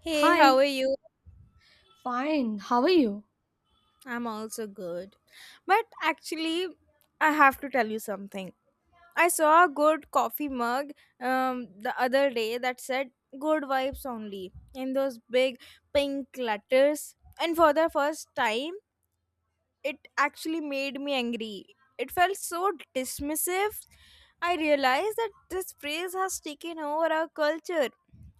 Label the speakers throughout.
Speaker 1: Hey, how
Speaker 2: Hi,
Speaker 1: are you?
Speaker 2: fine. How are you?
Speaker 1: I'm also good. But actually, I have to tell you something. I saw a good coffee mug the other day that said good vibes only in those big pink letters. And for the first time, it actually made me angry. It felt so dismissive. I realized that this phrase has taken over our culture.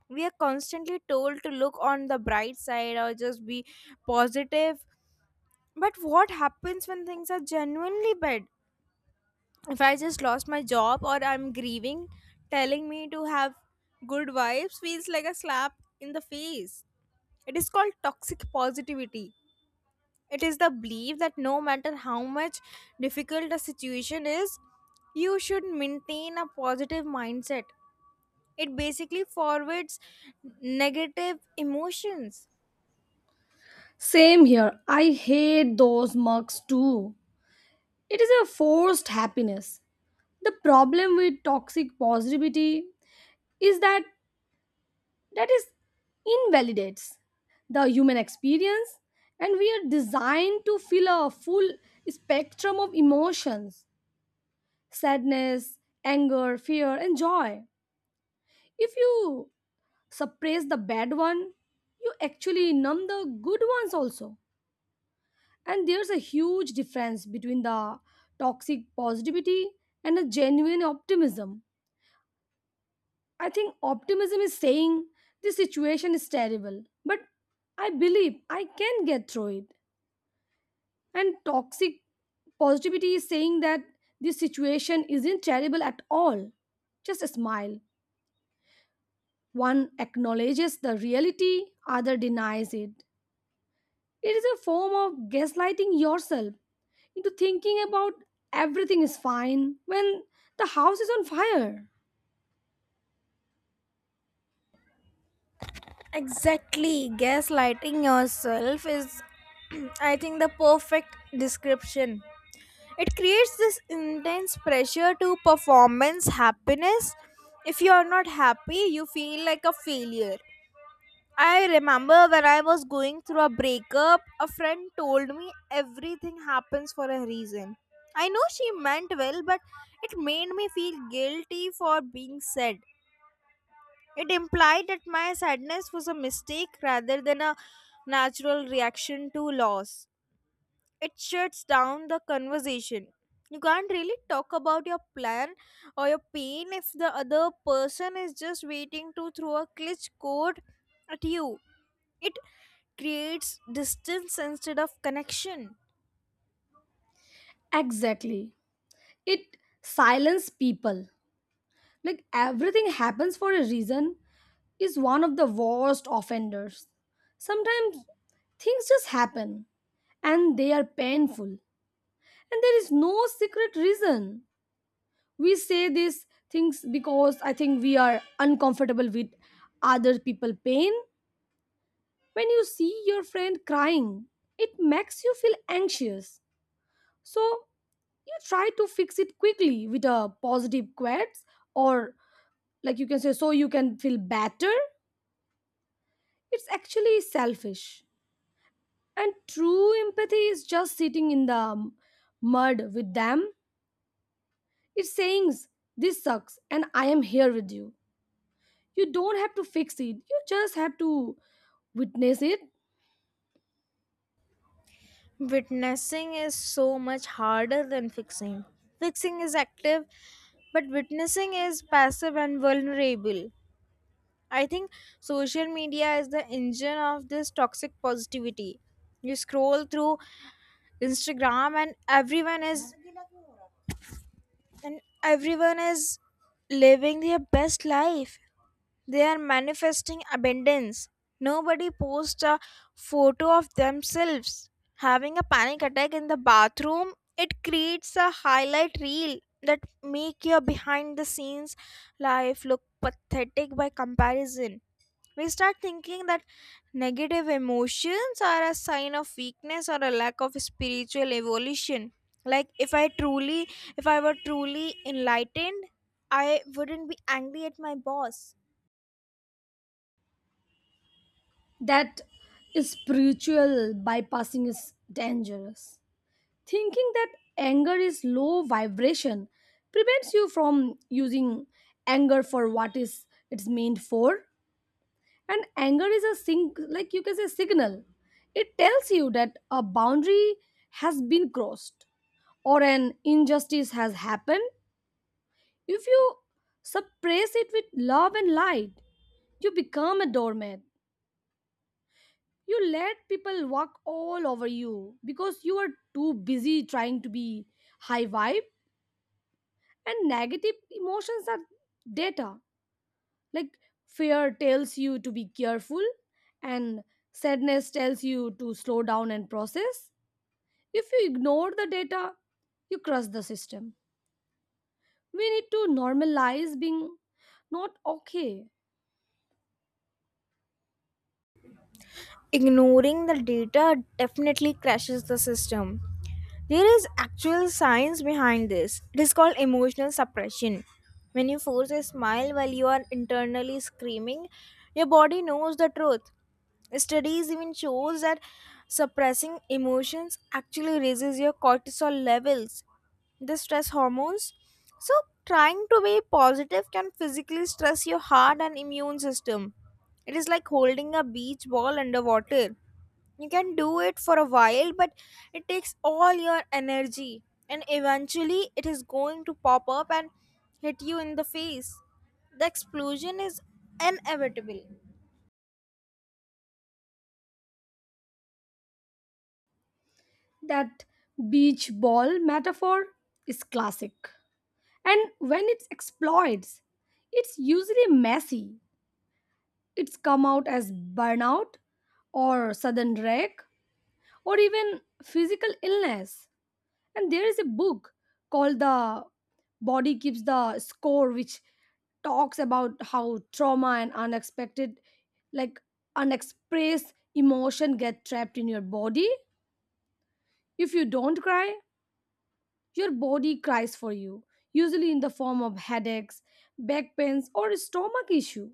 Speaker 1: We are constantly told to look on the bright side or just be positive. But what happens when things are genuinely bad? If I just lost my job or I'm grieving, telling me to have good vibes feels like a slap in the face. It is called toxic positivity. It is the belief that no matter how much difficult a situation is, you should maintain a positive mindset. It basically forwards negative emotions.
Speaker 2: Same here. I hate those mugs too. It is a forced happiness. The problem with toxic positivity is that that is invalidates the human experience, and we are designed to feel a full spectrum of emotions: sadness, anger, fear, and joy. If you suppress the bad one, you actually numb the good ones also. And there's a huge difference between the toxic positivity and a genuine optimism. I think optimism is saying this situation is terrible, but I believe I can get through it. And toxic positivity is saying that this situation isn't terrible at all. Just a smile. One acknowledges the reality, other denies it. It is a form of gaslighting yourself into thinking about everything is fine when the house is on fire.
Speaker 1: Exactly, gaslighting yourself is, I think, the perfect description. It creates this intense pressure to performance happiness. If you are not happy, you feel like a failure. I remember when I was going through a breakup, a friend told me everything happens for a reason. I know she meant well, but it made me feel guilty for being sad. It implied that my sadness was a mistake rather than a natural reaction to loss. It shuts down the conversation. You can't really talk about your plan or your pain if the other person is just waiting to throw a glitch code at you. It creates distance instead of connection.
Speaker 2: Exactly. It silences people. Like everything happens for a reason is one of the worst offenders. Sometimes things just happen and they are painful, and there is no secret reason. We say these things because I think we are uncomfortable with other people pain. When you see your friend crying, it makes you feel anxious. So you try to fix it quickly with a positive quotes, or like you can say so you can feel better. It's actually selfish. And true empathy is just sitting in the mud with them. It's saying this sucks and I am here with you. You don't have to fix it. You just have to witness it.
Speaker 1: Witnessing is so much harder than fixing. Fixing is active, but witnessing is passive and vulnerable. I think social media is the engine of this toxic positivity. You scroll through Instagram and everyone is living their best life. They are manifesting abundance. Nobody posts a photo of themselves having a panic attack in the bathroom. It creates a highlight reel that make your behind the scenes life look pathetic by comparison. We start thinking that negative emotions are a sign of weakness or a lack of spiritual evolution, like if I were truly enlightened, I wouldn't be angry at my boss.
Speaker 2: That spiritual bypassing is dangerous. Thinking that anger is low vibration prevents you from using anger for what is it's meant for. And anger is a sing like you can say signal. It tells you that a boundary has been crossed or an injustice has happened. If you suppress it with love and light, you become a doormat. You let people walk all over you because you are too busy trying to be high vibe, and negative emotions are data. Like fear tells you to be careful, and sadness tells you to slow down and process. If you ignore the data, you crush the system. We need to normalize being not okay.
Speaker 1: Ignoring the data definitely crashes the system. There is actual science behind this. It is called emotional suppression. When you force a smile while you are internally screaming, your body knows the truth. Studies even shows that suppressing emotions actually raises your cortisol levels, the stress hormones. So, trying to be positive can physically stress your heart and immune system. It is like holding a beach ball underwater. You can do it for a while, but it takes all your energy, and eventually, it is going to pop up and hit you in the face. The explosion is inevitable.
Speaker 2: That beach ball metaphor is classic. And when it's exploits, it's usually messy. It's come out as burnout or sudden wreck or even physical illness. And there is a book called The Body Keeps the Score, which talks about how trauma and unexpected, like unexpressed emotion, get trapped in your body. If you don't cry, your body cries for you, usually in the form of headaches, back pains, or stomach issue.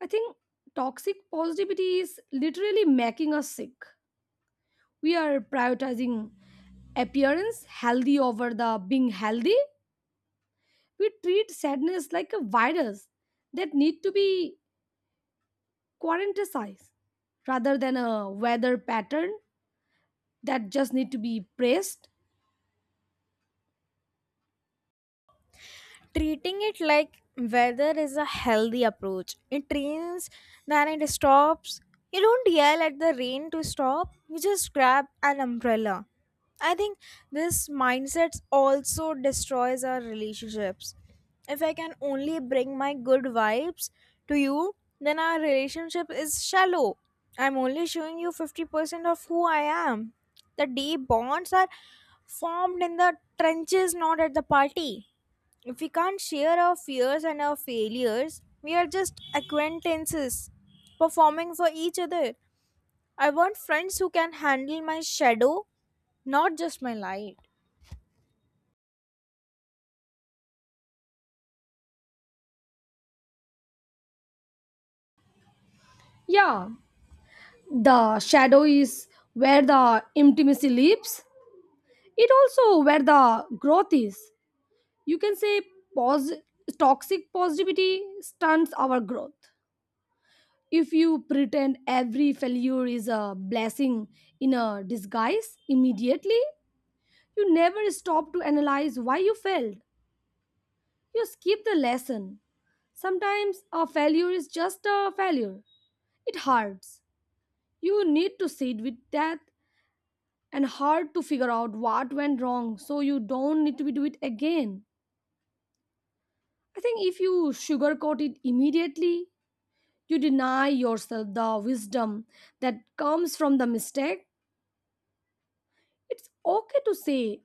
Speaker 2: I think toxic positivity is literally making us sick. We are prioritizing appearance healthy over the being healthy. We treat sadness like a virus that need to be quarantinized rather than a weather pattern that just need to be praised.
Speaker 1: Treating it like weather is a healthy approach. It rains, then it stops. You don't yell at the rain to stop, you just grab an umbrella. I think this mindset also destroys our relationships. If I can only bring my good vibes to you, then our relationship is shallow. I'm only showing you 50% of who I am. The deep bonds are formed in the trenches, not at the party. If we can't share our fears and our failures, we are just acquaintances performing for each other. I want friends who can handle my shadow, not just my light.
Speaker 2: Yeah, the shadow is where the intimacy lives. It also where the growth is. You can say pos- toxic positivity stunts our growth. If you pretend every failure is a blessing in a disguise immediately, you never stop to analyze why you failed. You skip the lesson. Sometimes a failure is just a failure. It hurts. You need to sit with that and hard to figure out what went wrong so you don't need to do it again. I think if you sugarcoat it immediately, you deny yourself the wisdom that comes from the mistake. It's okay to say,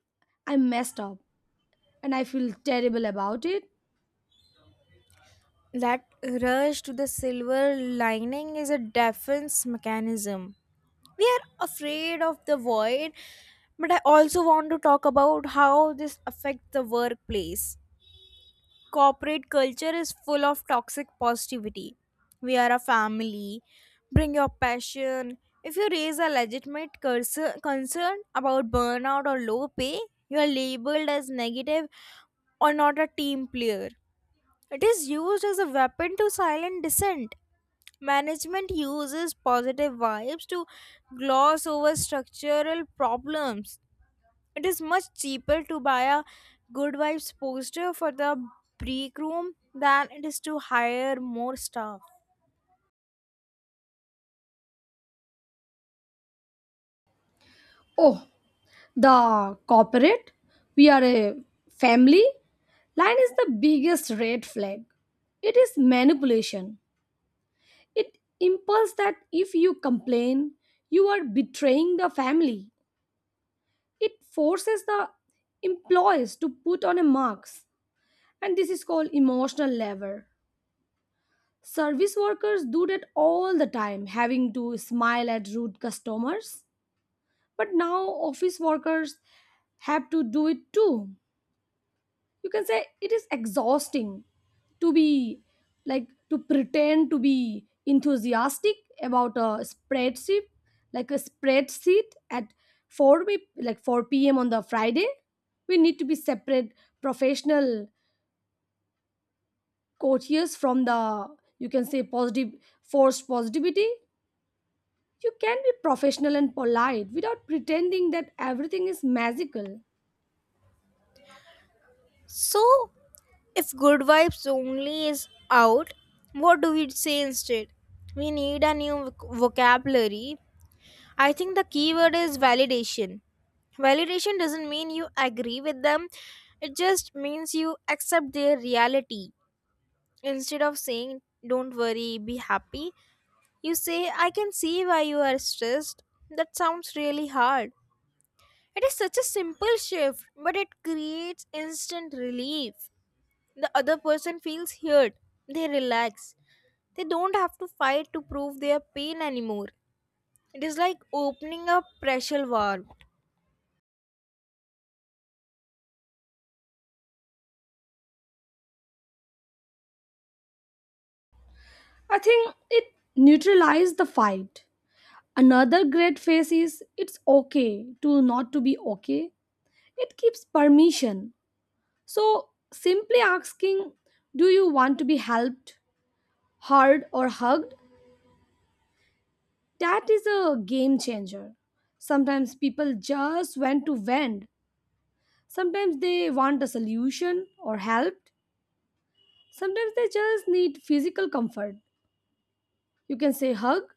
Speaker 2: I messed up and I feel terrible about it.
Speaker 1: That rush to the silver lining is a defense mechanism. We are afraid of the void, but I also want to talk about how this affects the workplace. Corporate culture is full of toxic positivity. We are a family. Bring your passion. If you raise a legitimate concern about burnout or low pay, you are labeled as negative or not a team player. It is used as a weapon to silence dissent. Management uses positive vibes to gloss over structural problems. It is much cheaper to buy a Good Vibes poster for the break room than it is to hire more staff.
Speaker 2: Oh, the corporate, we are a family line is the biggest red flag. It is manipulation. It impulse that if you complain, you are betraying the family. It forces the employees to put on a mask, and this is called emotional labor. Service workers do that all the time, having to smile at rude customers, but now office workers have to do it too. You can say it is exhausting to be, like to pretend to be enthusiastic about a spreadsheet, like a spreadsheet at 4 p- like 4 p.m. on the Friday. We need to be separate professional courtiers from the, you can say, positive forced positivity. You can be professional and polite without pretending that everything is magical.
Speaker 1: So, if Good Vibes only is out, what do we say instead? We need a new vocabulary. I think the key word is validation. Validation doesn't mean you agree with them, it just means you accept their reality. Instead of saying, don't worry, be happy, you say, I can see why you are stressed. That sounds really hard. It is such a simple shift, but it creates instant relief. The other person feels heard. They relax. They don't have to fight to prove their pain anymore. It is like opening a pressure valve.
Speaker 2: I think it neutralized the fight. Another great phase is it's okay to not to be okay. It gives permission. So simply asking, do you want to be helped, heard, or hugged? That is a game changer. Sometimes people just want to vent. Sometimes they want a solution or help. Sometimes they just need physical comfort. You can say hug,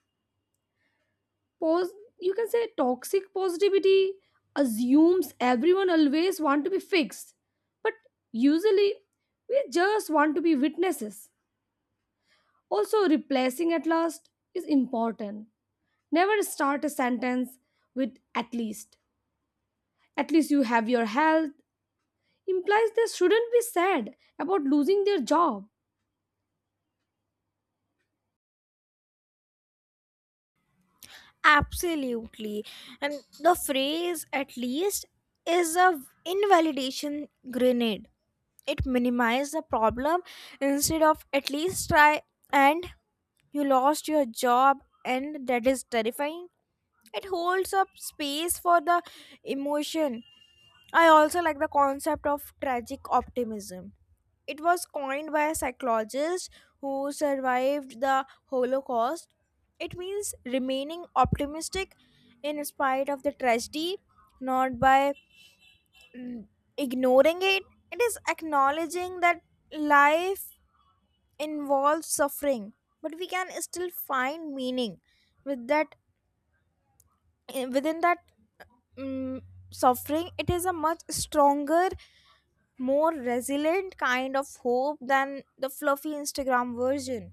Speaker 2: pause. You can say toxic positivity assumes everyone always want to be fixed. But usually we just want to be witnesses. Also replacing at last is important. Never start a sentence with at least. At least you have your health implies they shouldn't be sad about losing their job.
Speaker 1: Absolutely. And the phrase, at least, is a invalidation grenade. It minimizes the problem. Instead of at least try, and you lost your job and that is terrifying, it holds up space for the emotion. I also like the concept of tragic optimism. It was coined by a psychologist who survived the Holocaust. It means remaining optimistic in spite of the tragedy, not by mm, ignoring it. It is acknowledging that life involves suffering, but we can still find meaning with that within that um, suffering. It is a much stronger, more resilient kind of hope than the fluffy Instagram version.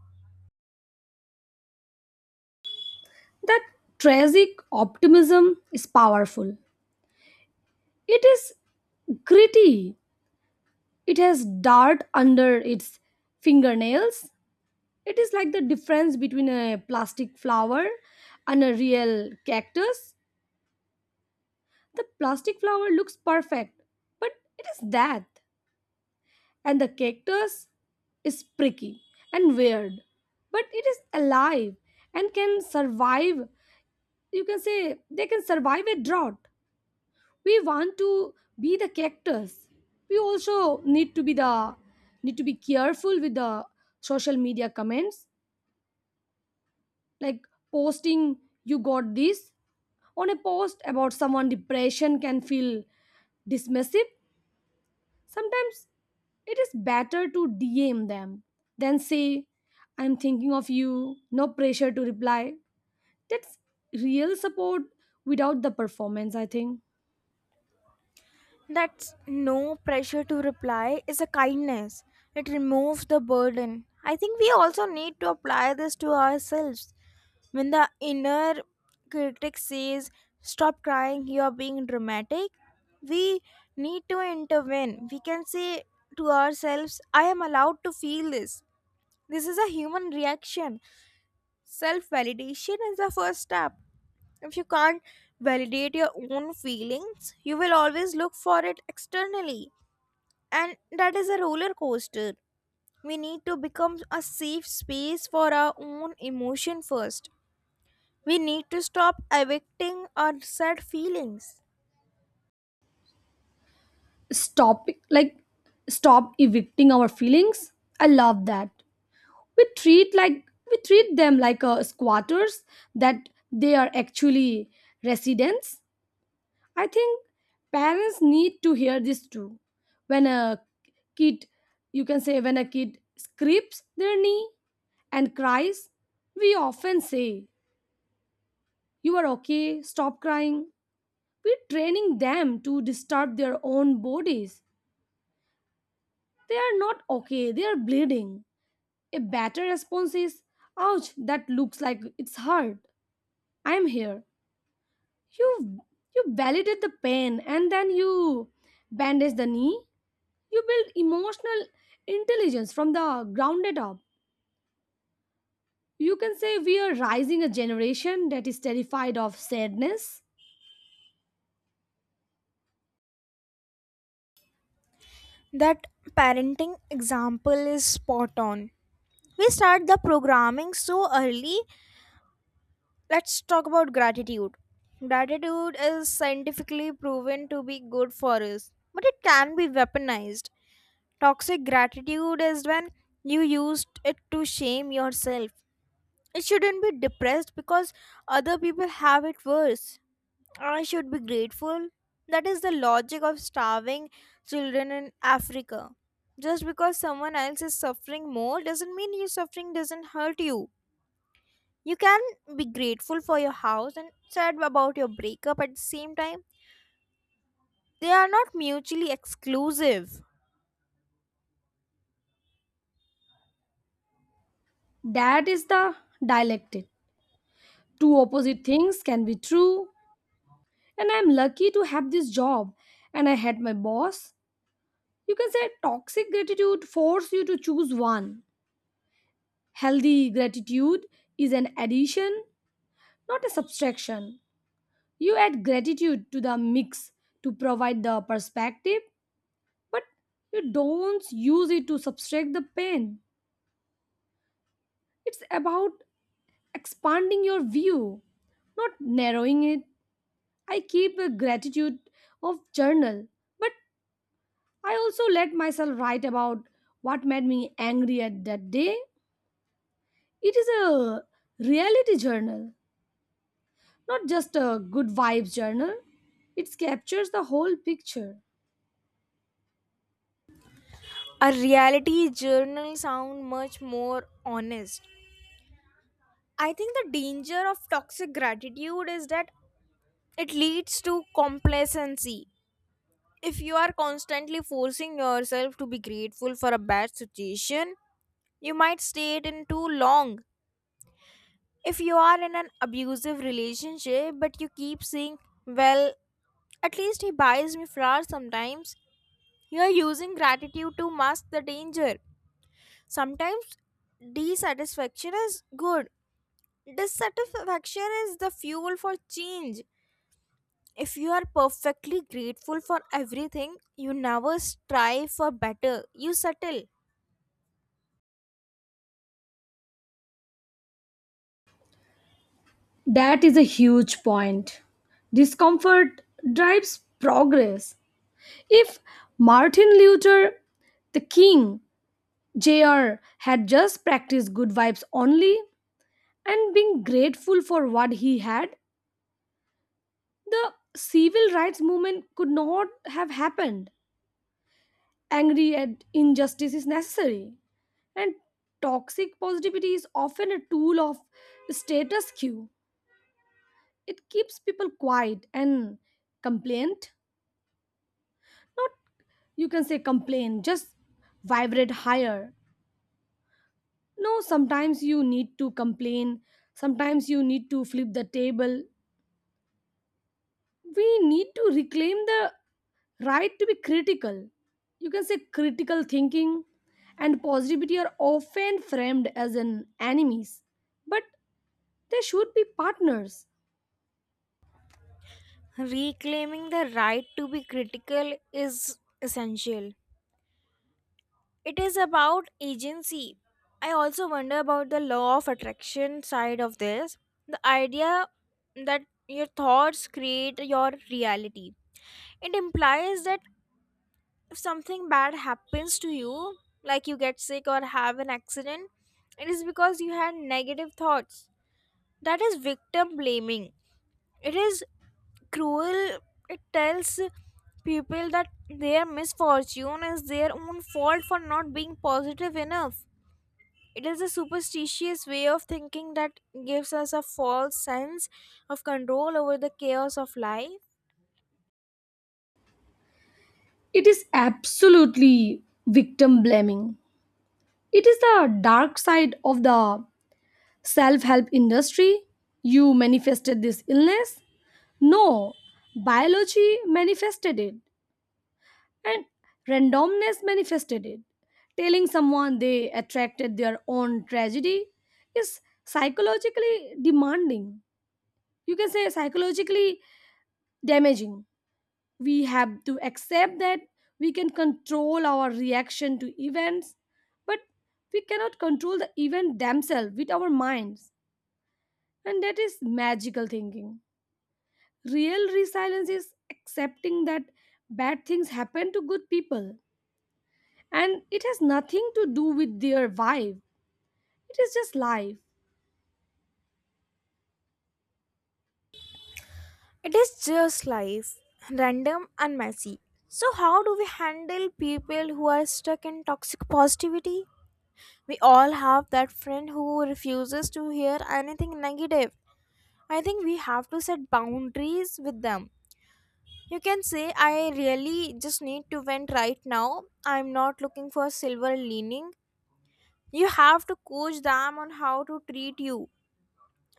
Speaker 2: That tragic optimism is powerful. It is gritty. It has dirt under its fingernails. It is like the difference between a plastic flower and a real cactus. The plastic flower looks perfect, but it is that. And the cactus is pricky and weird, but it is alive and can survive. You can say they can survive a drought. We want to be the characters, we also need to be the need to be careful with the social media comments. Like posting you got this on a post about someone depression can feel dismissive. Sometimes it is better to dm them than say I'm thinking of you, no pressure to reply. That's real support without the performance, I think.
Speaker 1: That's no pressure to reply is a kindness. It removes the burden. I think we also need to apply this to ourselves. When the inner critic says, stop crying, you are being dramatic, we need to intervene. We can say to ourselves, I am allowed to feel this. This is a human reaction. Self validation is the first step. If you can't validate your own feelings, you will always look for it externally. And that is a roller coaster. We need to become a safe space for our own emotion first. We need to stop evicting our sad feelings.
Speaker 2: Stop, like stop evicting our feelings, I love that. We treat, like we treat them like squatters, that they are actually residents. I think parents need to hear this too. When a kid, you can say when a kid scrapes their knee and cries, we often say you are okay, stop crying. We're training them to disturb their own bodies. They are not okay, they are bleeding. A better response is, ouch, that looks like it's hurt. I'm here. You you validate the pain and then you bandage the knee. You build emotional intelligence from the grounded up. You can say we are rising a generation that is terrified of sadness.
Speaker 1: That parenting example is spot on. We start the programming so early. Let's talk about gratitude. Gratitude is scientifically proven to be good for us, but it can be weaponized. Toxic gratitude is when you used it to shame yourself. It shouldn't be depressed because other people have it worse. I should be grateful. That is the logic of starving children in Africa. Just because someone else is suffering more doesn't mean your suffering doesn't hurt you. You can be grateful for your house and sad about your breakup at the same time. They are not mutually exclusive.
Speaker 2: That is the dialectic. Two opposite things can be true. And I'm lucky to have this job and I had my boss. You can say toxic gratitude force you to choose one. Healthy gratitude is an addition, not a subtraction. You add gratitude to the mix to provide the perspective, but you don't use it to subtract the pain. It's about expanding your view, not narrowing it. I keep a gratitude of journal, but I also let myself write about what made me angry at that day. It is a reality journal, not just a good vibes journal. It captures the whole picture.
Speaker 1: A reality journal sound much more honest. I think the danger of toxic gratitude is that it leads to complacency. If you are constantly forcing yourself to be grateful for a bad situation, you might stay it in too long. If you are in an abusive relationship but you keep saying, well, at least he buys me flowers sometimes. You're using gratitude to mask the danger. Sometimes dissatisfaction is good. Dissatisfaction is the fuel for change. If you are perfectly grateful for everything, you never strive for better. You settle.
Speaker 2: That is a huge point. Discomfort drives progress. If Martin Luther the King Jr. had just practiced good vibes only and been grateful for what he had, the civil rights movement could not have happened. Angry at injustice is necessary. And toxic positivity is often a tool of status quo. It keeps people quiet and complaint. Not you can say complain, just vibrate higher. No, sometimes you need to complain, sometimes you need to flip the table. We need to reclaim the right to be critical. You can say critical thinking and positivity are often framed as an enemies, but they should be partners.
Speaker 1: Reclaiming the right to be critical is essential. It is about agency. I also wonder about the law of attraction side of this. The idea that your thoughts create your reality. It implies that if something bad happens to you, like you get sick or have an accident, it is because you had negative thoughts. That is victim blaming. It is cruel. It tells people that their misfortune is their own fault for not being positive enough. It is a superstitious way of thinking that gives us a false sense of control over the chaos of life.
Speaker 2: It is absolutely victim blaming. It is the dark side of the self help industry. You manifested this illness? No, biology manifested it, and randomness manifested it. Telling someone they attracted their own tragedy is psychologically demanding. You can say psychologically damaging. We have to accept that we can control our reaction to events, but we cannot control the event themselves with our minds, and that is magical thinking. Real resilience is accepting that bad things happen to good people, and it has nothing to do with their vibe. It is just life.
Speaker 1: It is just life, random and messy. So, how do we handle people who are stuck in toxic positivity? We all have that friend who refuses to hear anything negative. I think we have to set boundaries with them. You can say, I really just need to vent right now. I'm not looking for silver lining. You have to coach them on how to treat you,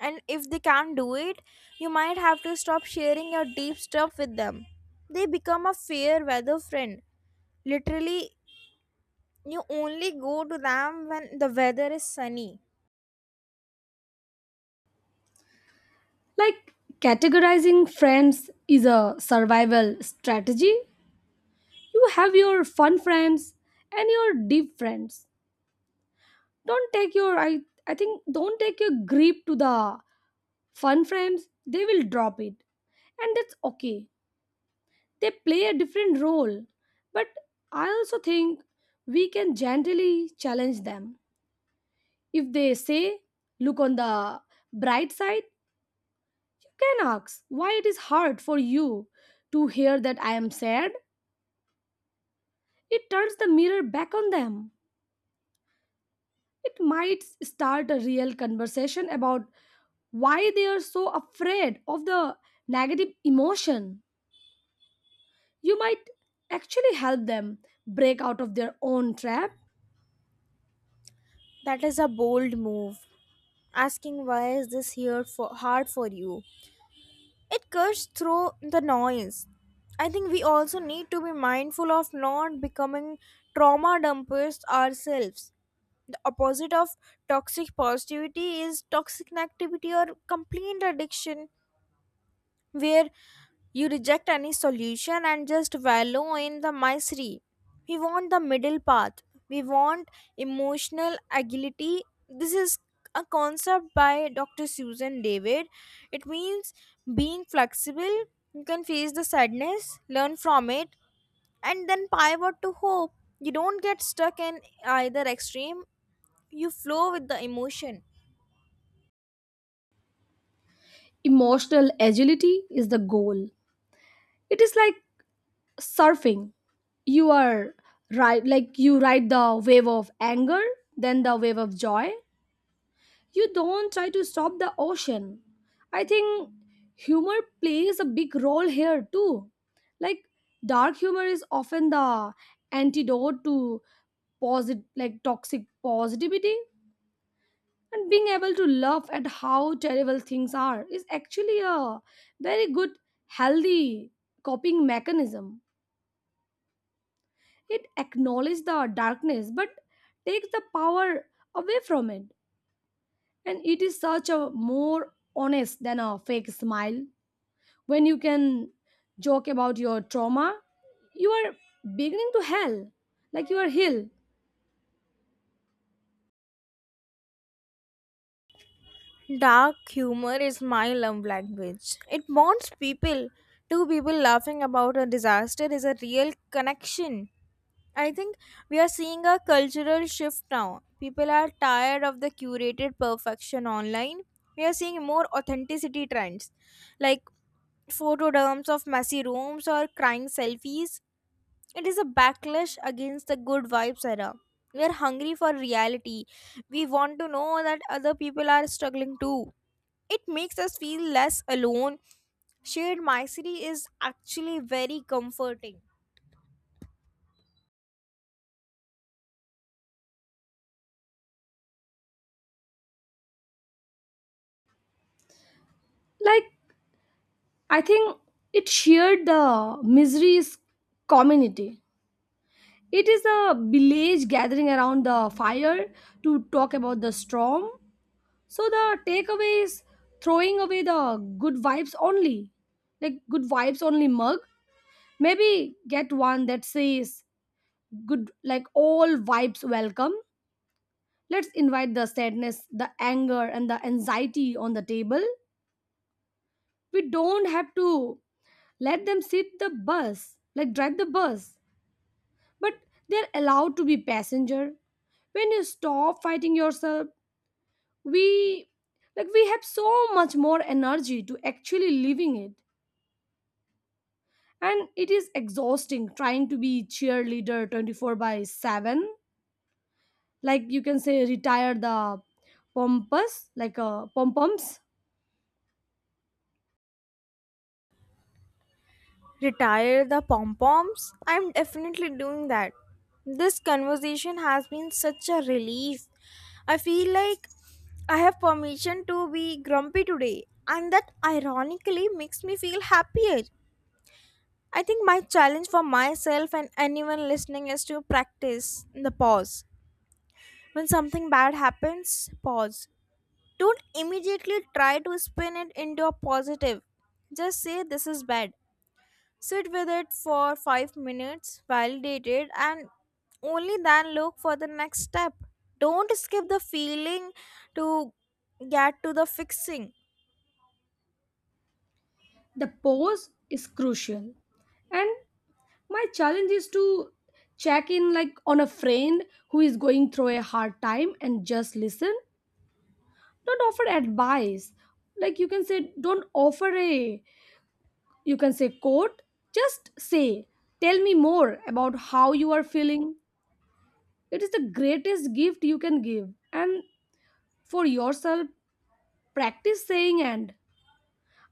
Speaker 1: and if they can't do it, you might have to stop sharing your deep stuff with them. They become a fair weather friend, literally. You only go to them when the weather is sunny.
Speaker 2: Like, categorizing friends is a survival strategy. You have your fun friends and your deep friends. Don't take your I think don't take your grip to the fun friends, they will drop it. And that's okay. They play a different role. But I also think we can gently challenge them. If they say look on the bright side, you can ask why it is hard for you to hear that I am sad. It turns the mirror back on them. It might start a real conversation about why they are so afraid of the negative emotion. You might actually help them break out of their own trap.
Speaker 1: That is a bold move, asking why is this here for hard for you. It cuts through the noise. I think we also need to be mindful of not becoming trauma dumpers ourselves. The opposite of toxic positivity is toxic negativity, or complete addiction, where you reject any solution and just wallow in the misery. We want the middle path. We want emotional agility. This is a concept by Dr. Susan David. It means being flexible. You can face the sadness, learn from it, and then pivot to hope. You don't get stuck in either extreme. You flow with the emotion.
Speaker 2: Emotional agility is the goal. It is like surfing. You are right, like you ride the wave of anger, then the wave of joy, you don't try to stop the ocean. I think humor plays a big role here too. Like dark humor is often the antidote to like toxic positivity, and being able to laugh at how terrible things are is actually a very good healthy coping mechanism. It acknowledges the darkness but takes the power away from it. And it is such a more honest than a fake smile. When you can joke about your trauma, you are beginning to heal, like you are heal.
Speaker 1: Dark humor is my love language. It bonds people. Two people laughing about a disaster is a real connection. I think we are seeing a cultural shift now. People are tired of the curated perfection online. We are seeing more authenticity trends like photo dumps of messy rooms or crying selfies. It is a backlash against the good vibes era. We are hungry for reality. We want to know that other people are struggling too. It makes us feel less alone. Shared misery is actually very comforting.
Speaker 2: Like, I think it shared the misery's community. It is a village gathering around the fire to talk about the storm. So the takeaway is throwing away the good vibes only, like good vibes only mug. Maybe get one that says good, like all vibes welcome. Let's invite the sadness, the anger, and the anxiety on the table. We don't have to let them sit the bus, like drive the bus, but they're allowed to be passenger. When you stop fighting yourself, we like we have so much more energy to actually living it. And it is exhausting trying to be cheerleader 24/7. Like you can say retire the pompous like pom poms.
Speaker 1: Retire the pom poms? I'm definitely doing that. This conversation has been such a relief. I feel like I have permission to be grumpy today, and that ironically makes me feel happier. I think my challenge for myself and anyone listening is to practice the pause. When something bad happens, pause. Don't immediately try to spin it into a positive. Just say this is bad. Sit with it for 5 minutes, validate it, and only then look for the next step. Don't skip the feeling to get to the fixing.
Speaker 2: The pose is crucial. And my challenge is to check in like on a friend who is going through a hard time and just listen. Don't offer advice, like you can say don't offer a, you can say quote, just say tell me more about how you are feeling. It is the greatest gift you can give. And for yourself, practice saying, and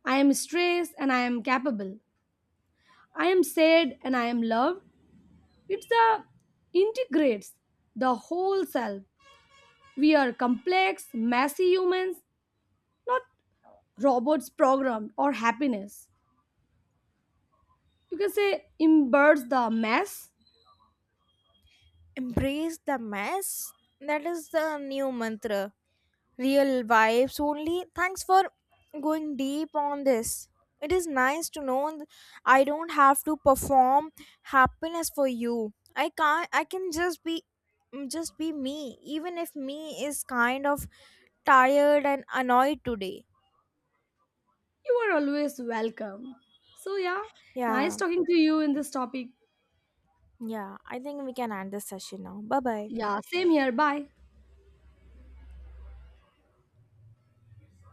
Speaker 2: I am stressed and I am capable. I am sad and I am loved. It's the integrates the whole self. We are complex, messy humans, not robots programmed or happiness. You can say imbibes the mess.
Speaker 1: Embrace the mess. That is the new mantra. Real vibes only. Thanks for going deep on this. It is nice to know I don't have to perform happiness for you. I can't I can just be just be me, even if me is kind of tired and annoyed today.
Speaker 2: You are always welcome. So yeah, nice
Speaker 1: Yeah.
Speaker 2: talking to you in this topic.
Speaker 1: Yeah, I think we can end this session now. Bye bye.
Speaker 2: Yeah, same here. Bye.